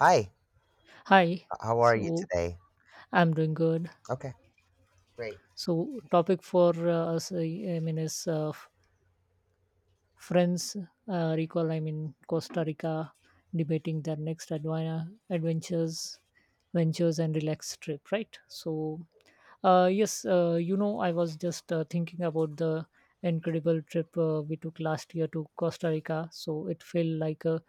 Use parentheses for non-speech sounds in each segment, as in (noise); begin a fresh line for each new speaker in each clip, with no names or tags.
Hi,
Hi.
how are you
So
today?
I'm doing good.
Okay.
So topic for us, I mean, is friends recall I'm in Costa Rica debating their next adventures ventures and relaxed trip, right? So yes, I was just thinking about the incredible trip we took last year to Costa Rica. So it felt like a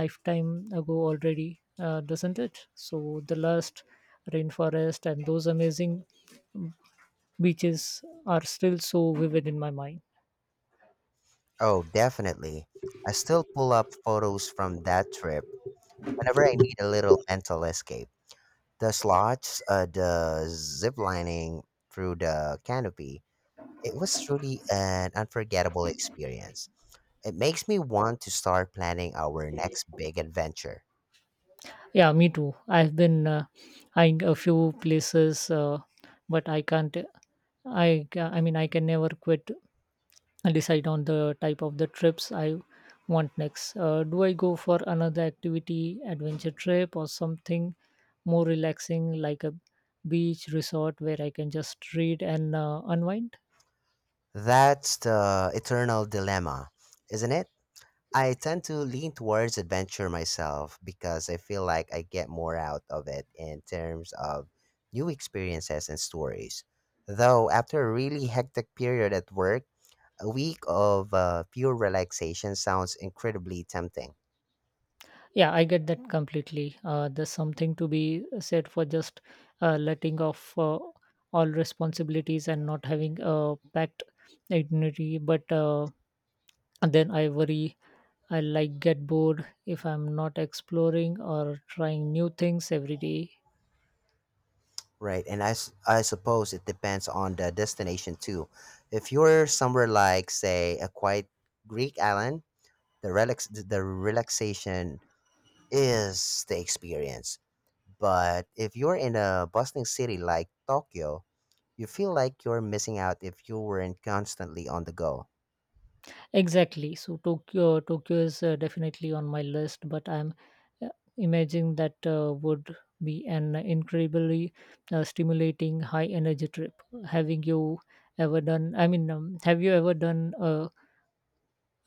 lifetime ago already, doesn't it? So the last rainforest and those amazing beaches are still so vivid in my mind.
Oh, definitely. I still pull up photos from that trip whenever I need a little mental escape. The slots, the zip lining through the canopy, it was truly an unforgettable experience. It makes me want to start planning our next big adventure.
Yeah, me too. I've been eyeing a few places, but I can't. I mean, I can never quit and decide on the type of the trips I want next. Do I go for another activity, adventure trip, or something more relaxing like a beach resort where I can just read and unwind?
That's the eternal dilemma, isn't it? I tend to lean towards adventure myself because I feel like I get more out of it in terms of new experiences and stories. Though, after a really hectic period at work, a week of pure relaxation sounds incredibly tempting.
Yeah, I get that completely. There's something to be said for just letting off all responsibilities and not having a packed itinerary. But and then I worry I like get bored if I'm not exploring or trying new things every day.
Right, and I suppose it depends on the destination too. If you're somewhere like, say, a quiet Greek island, the relaxation is the experience. But if you're in a bustling city like Tokyo, you feel like you're missing out if you weren't constantly on the go.
Exactly. So Tokyo is definitely on my list, but I'm uh, imagining that would be an incredibly stimulating, high energy trip. Having you ever done? I mean, have you ever done a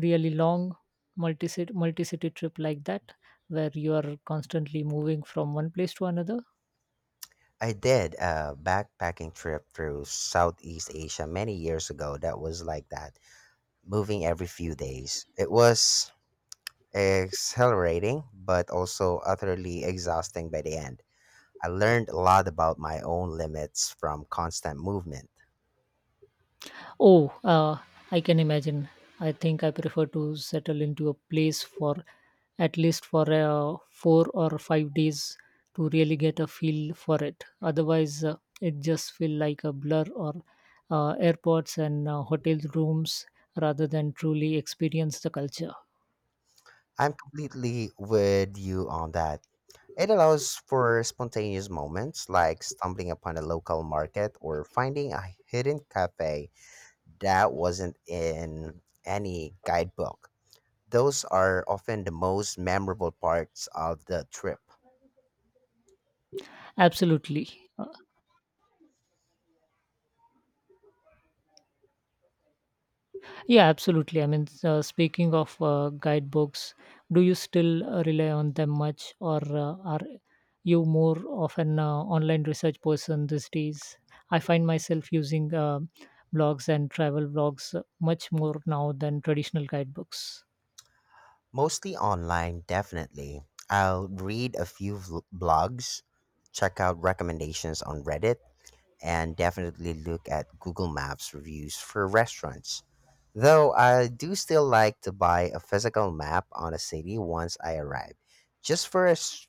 really long multi multi city trip like that, where you are constantly moving from one place to another?
I did a backpacking trip through Southeast Asia many years ago that was like that, moving every few days. It was exhilarating, but also utterly exhausting by the end. I learned a lot about my own limits from constant movement.
Oh, I can imagine. I think I prefer to settle into a place for at least for 4 or 5 days to really get a feel for it. Otherwise, it just feel like a blur or airports and hotel rooms rather than truly experience the culture.
I'm completely with you on that. It allows for spontaneous moments like stumbling upon a local market or finding a hidden cafe that wasn't in any guidebook. Those are often the most memorable parts of the trip.
Absolutely. Uh, Yeah, absolutely. I mean, speaking of guidebooks, do you still rely on them much, or are you more of an online research person these days? I find myself using blogs and travel blogs much more now than traditional guidebooks.
Mostly online, definitely. I'll read a few blogs, check out recommendations on Reddit, and definitely look at Google Maps reviews for restaurants. Though I do still like to buy a physical map on a city once I arrive, just for a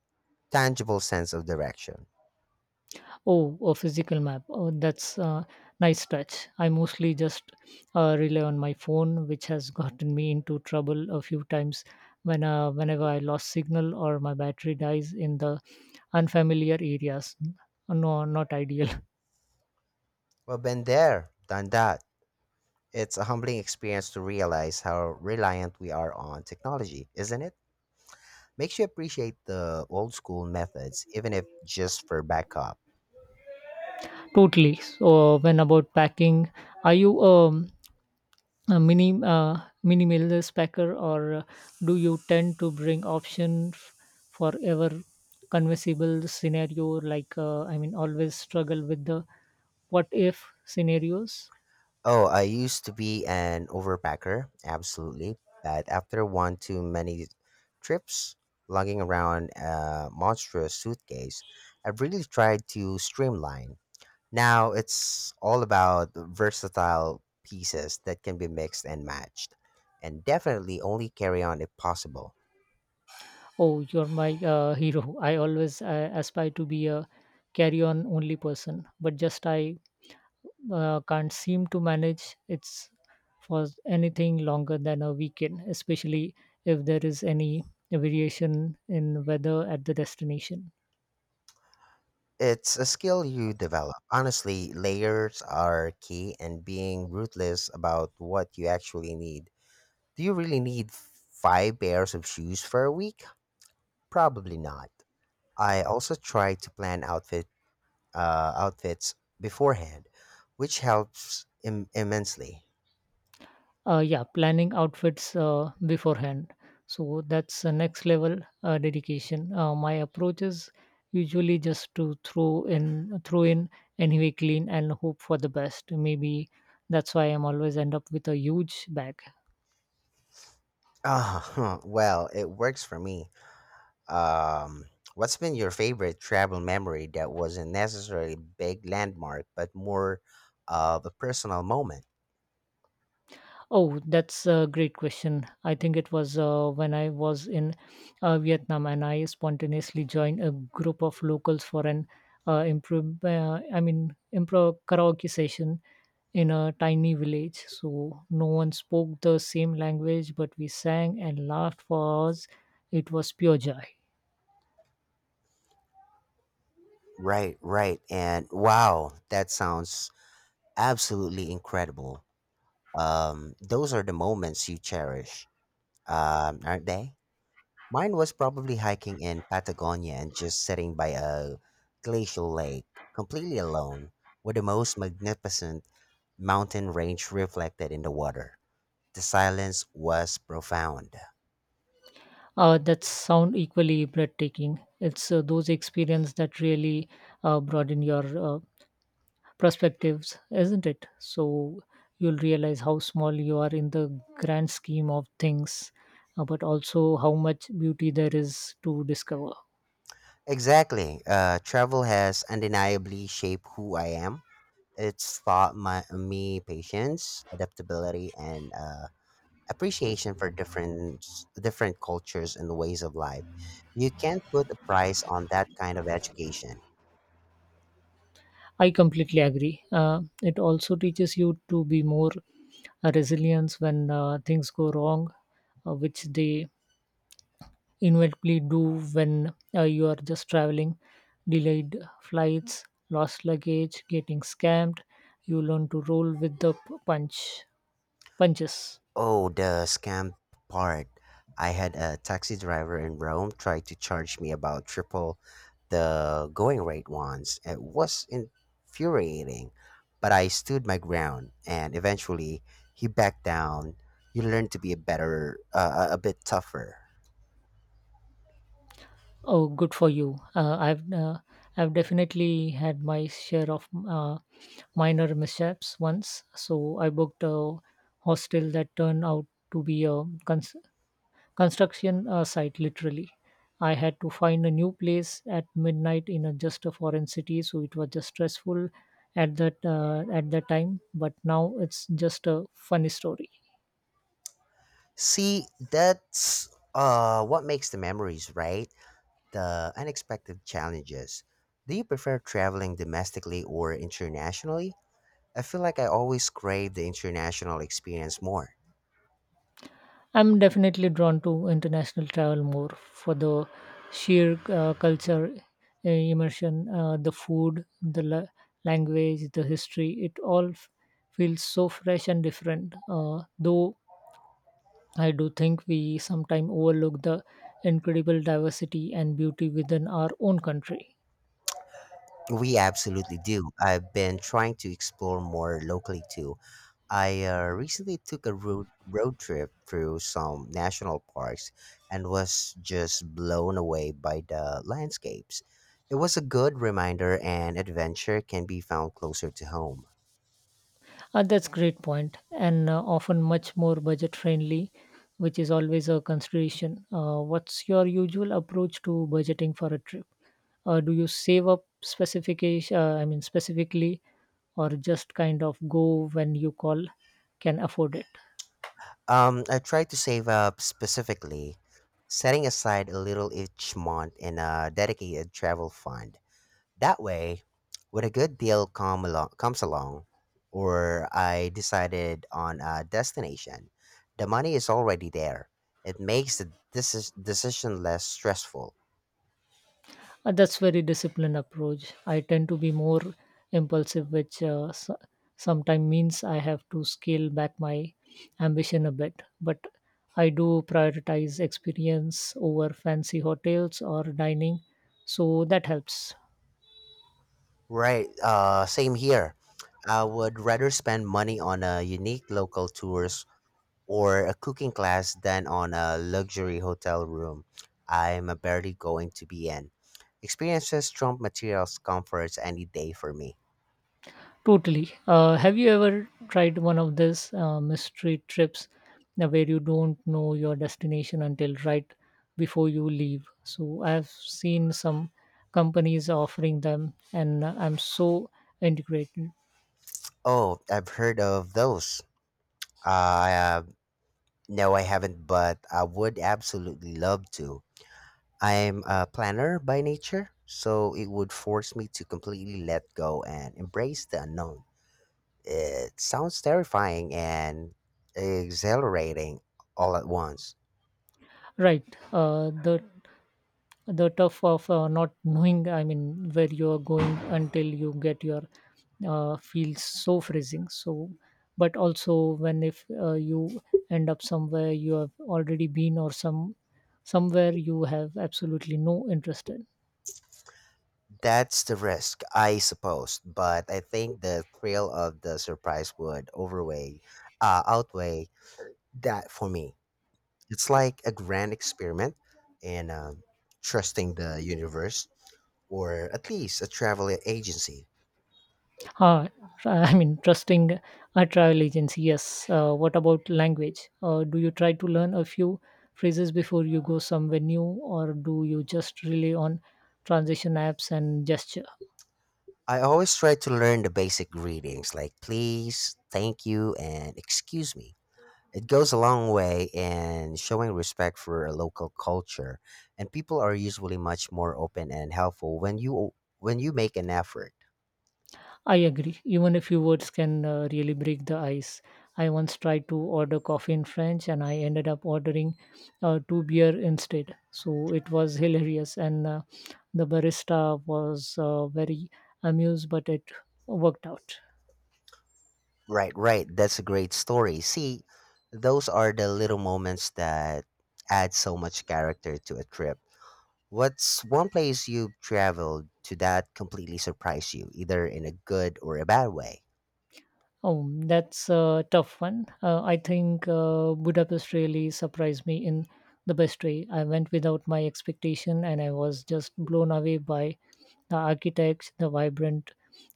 tangible sense of direction.
Oh, a physical map. Oh, that's a nice touch. I mostly just rely on my phone, which has (laughs) gotten me into trouble a few times when whenever I lost signal or my battery dies in the unfamiliar areas. No, not ideal. (laughs)
Well, been there, done that. It's a humbling experience to realize how reliant we are on technology, isn't it? Makes you appreciate the old school methods, even if just for backup.
Totally. So when about packing, are you a minimalist packer, or do you tend to bring option for ever conversible scenario, like I mean always struggle with the what if scenarios?
Oh, I used to be an overpacker, absolutely, but after one too many trips lugging around a monstrous suitcase, I've really tried to streamline. Now it's all about versatile pieces that can be mixed and matched, and definitely only carry on if possible.
Oh, you're my hero. I always aspire to be a carry on only person, but just I can't seem to manage it's for anything longer than a weekend, especially if there is any variation in weather at the destination.
It's a skill you develop. Honestly, layers are key and being ruthless about what you actually need. Do you really need five pairs of shoes for a week? Probably not. I also try to plan outfits beforehand, which helps immensely.
Yeah, planning outfits beforehand. So that's next level dedication. My approach is usually just to throw in anyway clean and hope for the best. Maybe that's why I'm always end up with a huge bag.
(laughs) Well, it works for me. Um, what's been your favorite travel memory that wasn't necessarily a big landmark, but more of a personal moment?
Oh, that's a great question. I think it was when I was in Vietnam and I spontaneously joined a group of locals for an I mean, improv karaoke session in a tiny village. So no one spoke the same language, but we sang and laughed for hours. It was pure joy.
Right, right. And wow, that sounds absolutely incredible. Those are the moments you cherish, aren't they? Mine was probably hiking in Patagonia and just sitting by a glacial lake, completely alone, with the most magnificent mountain range reflected in the water. The silence was profound.
That sound equally breathtaking. It's those experiences that really broaden your perspectives, isn't it? So you'll realize how small you are in the grand scheme of things, but also how much beauty there is to discover.
Exactly. Travel has undeniably shaped who I am. It's taught me patience, adaptability, and appreciation for different cultures and ways of life. You can't put a price on that kind of education.
I completely agree. It also teaches you to be more resilient when things go wrong, which they inevitably do when you are just traveling. Delayed flights, lost luggage, getting scammed. You learn to roll with the punch punches.
Oh, the scam part. I had a taxi driver in Rome try to charge me about triple the going rate once. It was infuriating, but I stood my ground and eventually he backed down. You learn to be a a bit tougher.
Oh, good for you. I've definitely had my share of minor mishaps once. So I booked a hostel that turned out to be a construction site. Literally, I had to find a new place at midnight in a just a foreign city. So it was just stressful at that time. But now it's just a funny story.
See, that's what makes the memories, right? The unexpected challenges. Do you prefer traveling domestically or internationally? I feel like I always crave the international experience more.
I'm definitely drawn to international travel more for the sheer culture immersion, the food, the language, the history. It all feels so fresh and different. Though I do think we sometimes overlook the incredible diversity and beauty within our own country.
We absolutely do. I've been trying to explore more locally too, I recently took a road trip through some national parks and was just blown away by the landscapes. It was a good reminder and adventure can be found closer to home.
That's great point, and often much more budget friendly, which is always a consideration. What's your usual approach to budgeting for a trip? Do you save up specification? I mean specifically, or just kind of go when you call can afford it?
I tried to save up specifically, setting aside a little each month in a dedicated travel fund. That way, when a good deal come along, comes along, or I decided on a destination, the money is already there. It makes the decision less stressful.
That's very disciplined approach. I tend to be more impulsive, which sometimes means I have to scale back my ambition a bit. But I do prioritize experience over fancy hotels or dining, so that helps.
Right. Same here. I would rather spend money on a unique local tours or a cooking class than on a luxury hotel room I'm barely going to be in. Experiences trump materials comforts any day for me.
Totally. Have you ever tried one of these mystery trips where you don't know your destination until right before you leave? So I've seen some companies offering them, and I'm so integrated.
Oh, I've heard of those. Uh, no, I haven't, but I would absolutely love to. I'm a planner by nature, so it would force me to completely let go and embrace the unknown. It sounds terrifying and exhilarating all at once.
Right. Uh, the the tough of not knowing, I mean, where you're going until you get your feels so freezing, so but also when if you end up somewhere you have already been, or somewhere you have absolutely no interest in.
That's the risk, I suppose, but I think the thrill of the surprise would outweigh that for me. It's like a grand experiment in trusting the universe or at least a travel agency.
ah, I mean trusting a travel agency, yes. What about language? Do you try to learn a few phrases before you go somewhere new, or do you just rely on transition apps and gesture?
I always try to learn the basic greetings like please, thank you, and excuse me. It goes a long way in showing respect for a local culture, and people are usually much more open and helpful when you make an effort.
I agree. Even a few words can really break the ice. I once tried to order coffee in French and I ended up ordering two beer instead. So it was hilarious, and the barista was very amused, but it worked out.
Right, right. That's a great story. See, those are the little moments that add so much character to a trip. What's one place you've traveled to that completely surprised you, either in a good or a bad way?
Oh, that's a tough one. I think Budapest really surprised me in the best way. I went without my expectation and I was just blown away by the architects, the vibrant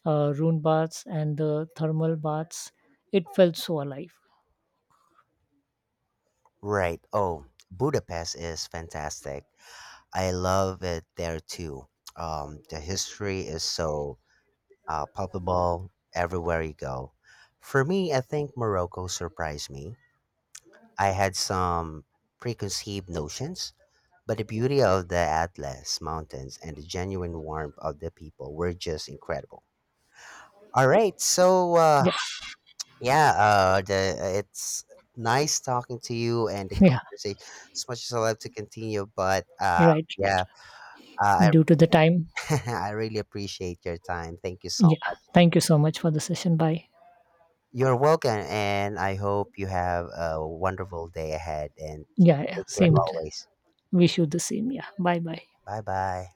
rune baths, and the thermal baths. It felt so alive.
Right. Oh, Budapest is fantastic. I love it there too. The history is so palpable everywhere you go. For me, I think Morocco surprised me. I had some preconceived notions, but the beauty of the Atlas Mountains and the genuine warmth of the people were just incredible. All right, so
Yeah,
yeah, it's nice talking to you and the
(laughs) yeah,
conversation. As much as I love to continue, but
right, right.
yeah,
Due to the time.
I (laughs) I really appreciate your time. Thank you so
Yeah,
much.
thank you so much for the session. Bye.
You're welcome, and I hope you have a wonderful day ahead. And
Yeah, yeah,
take care
same.
always.
Wish you the same. Yeah, bye bye.
Bye bye.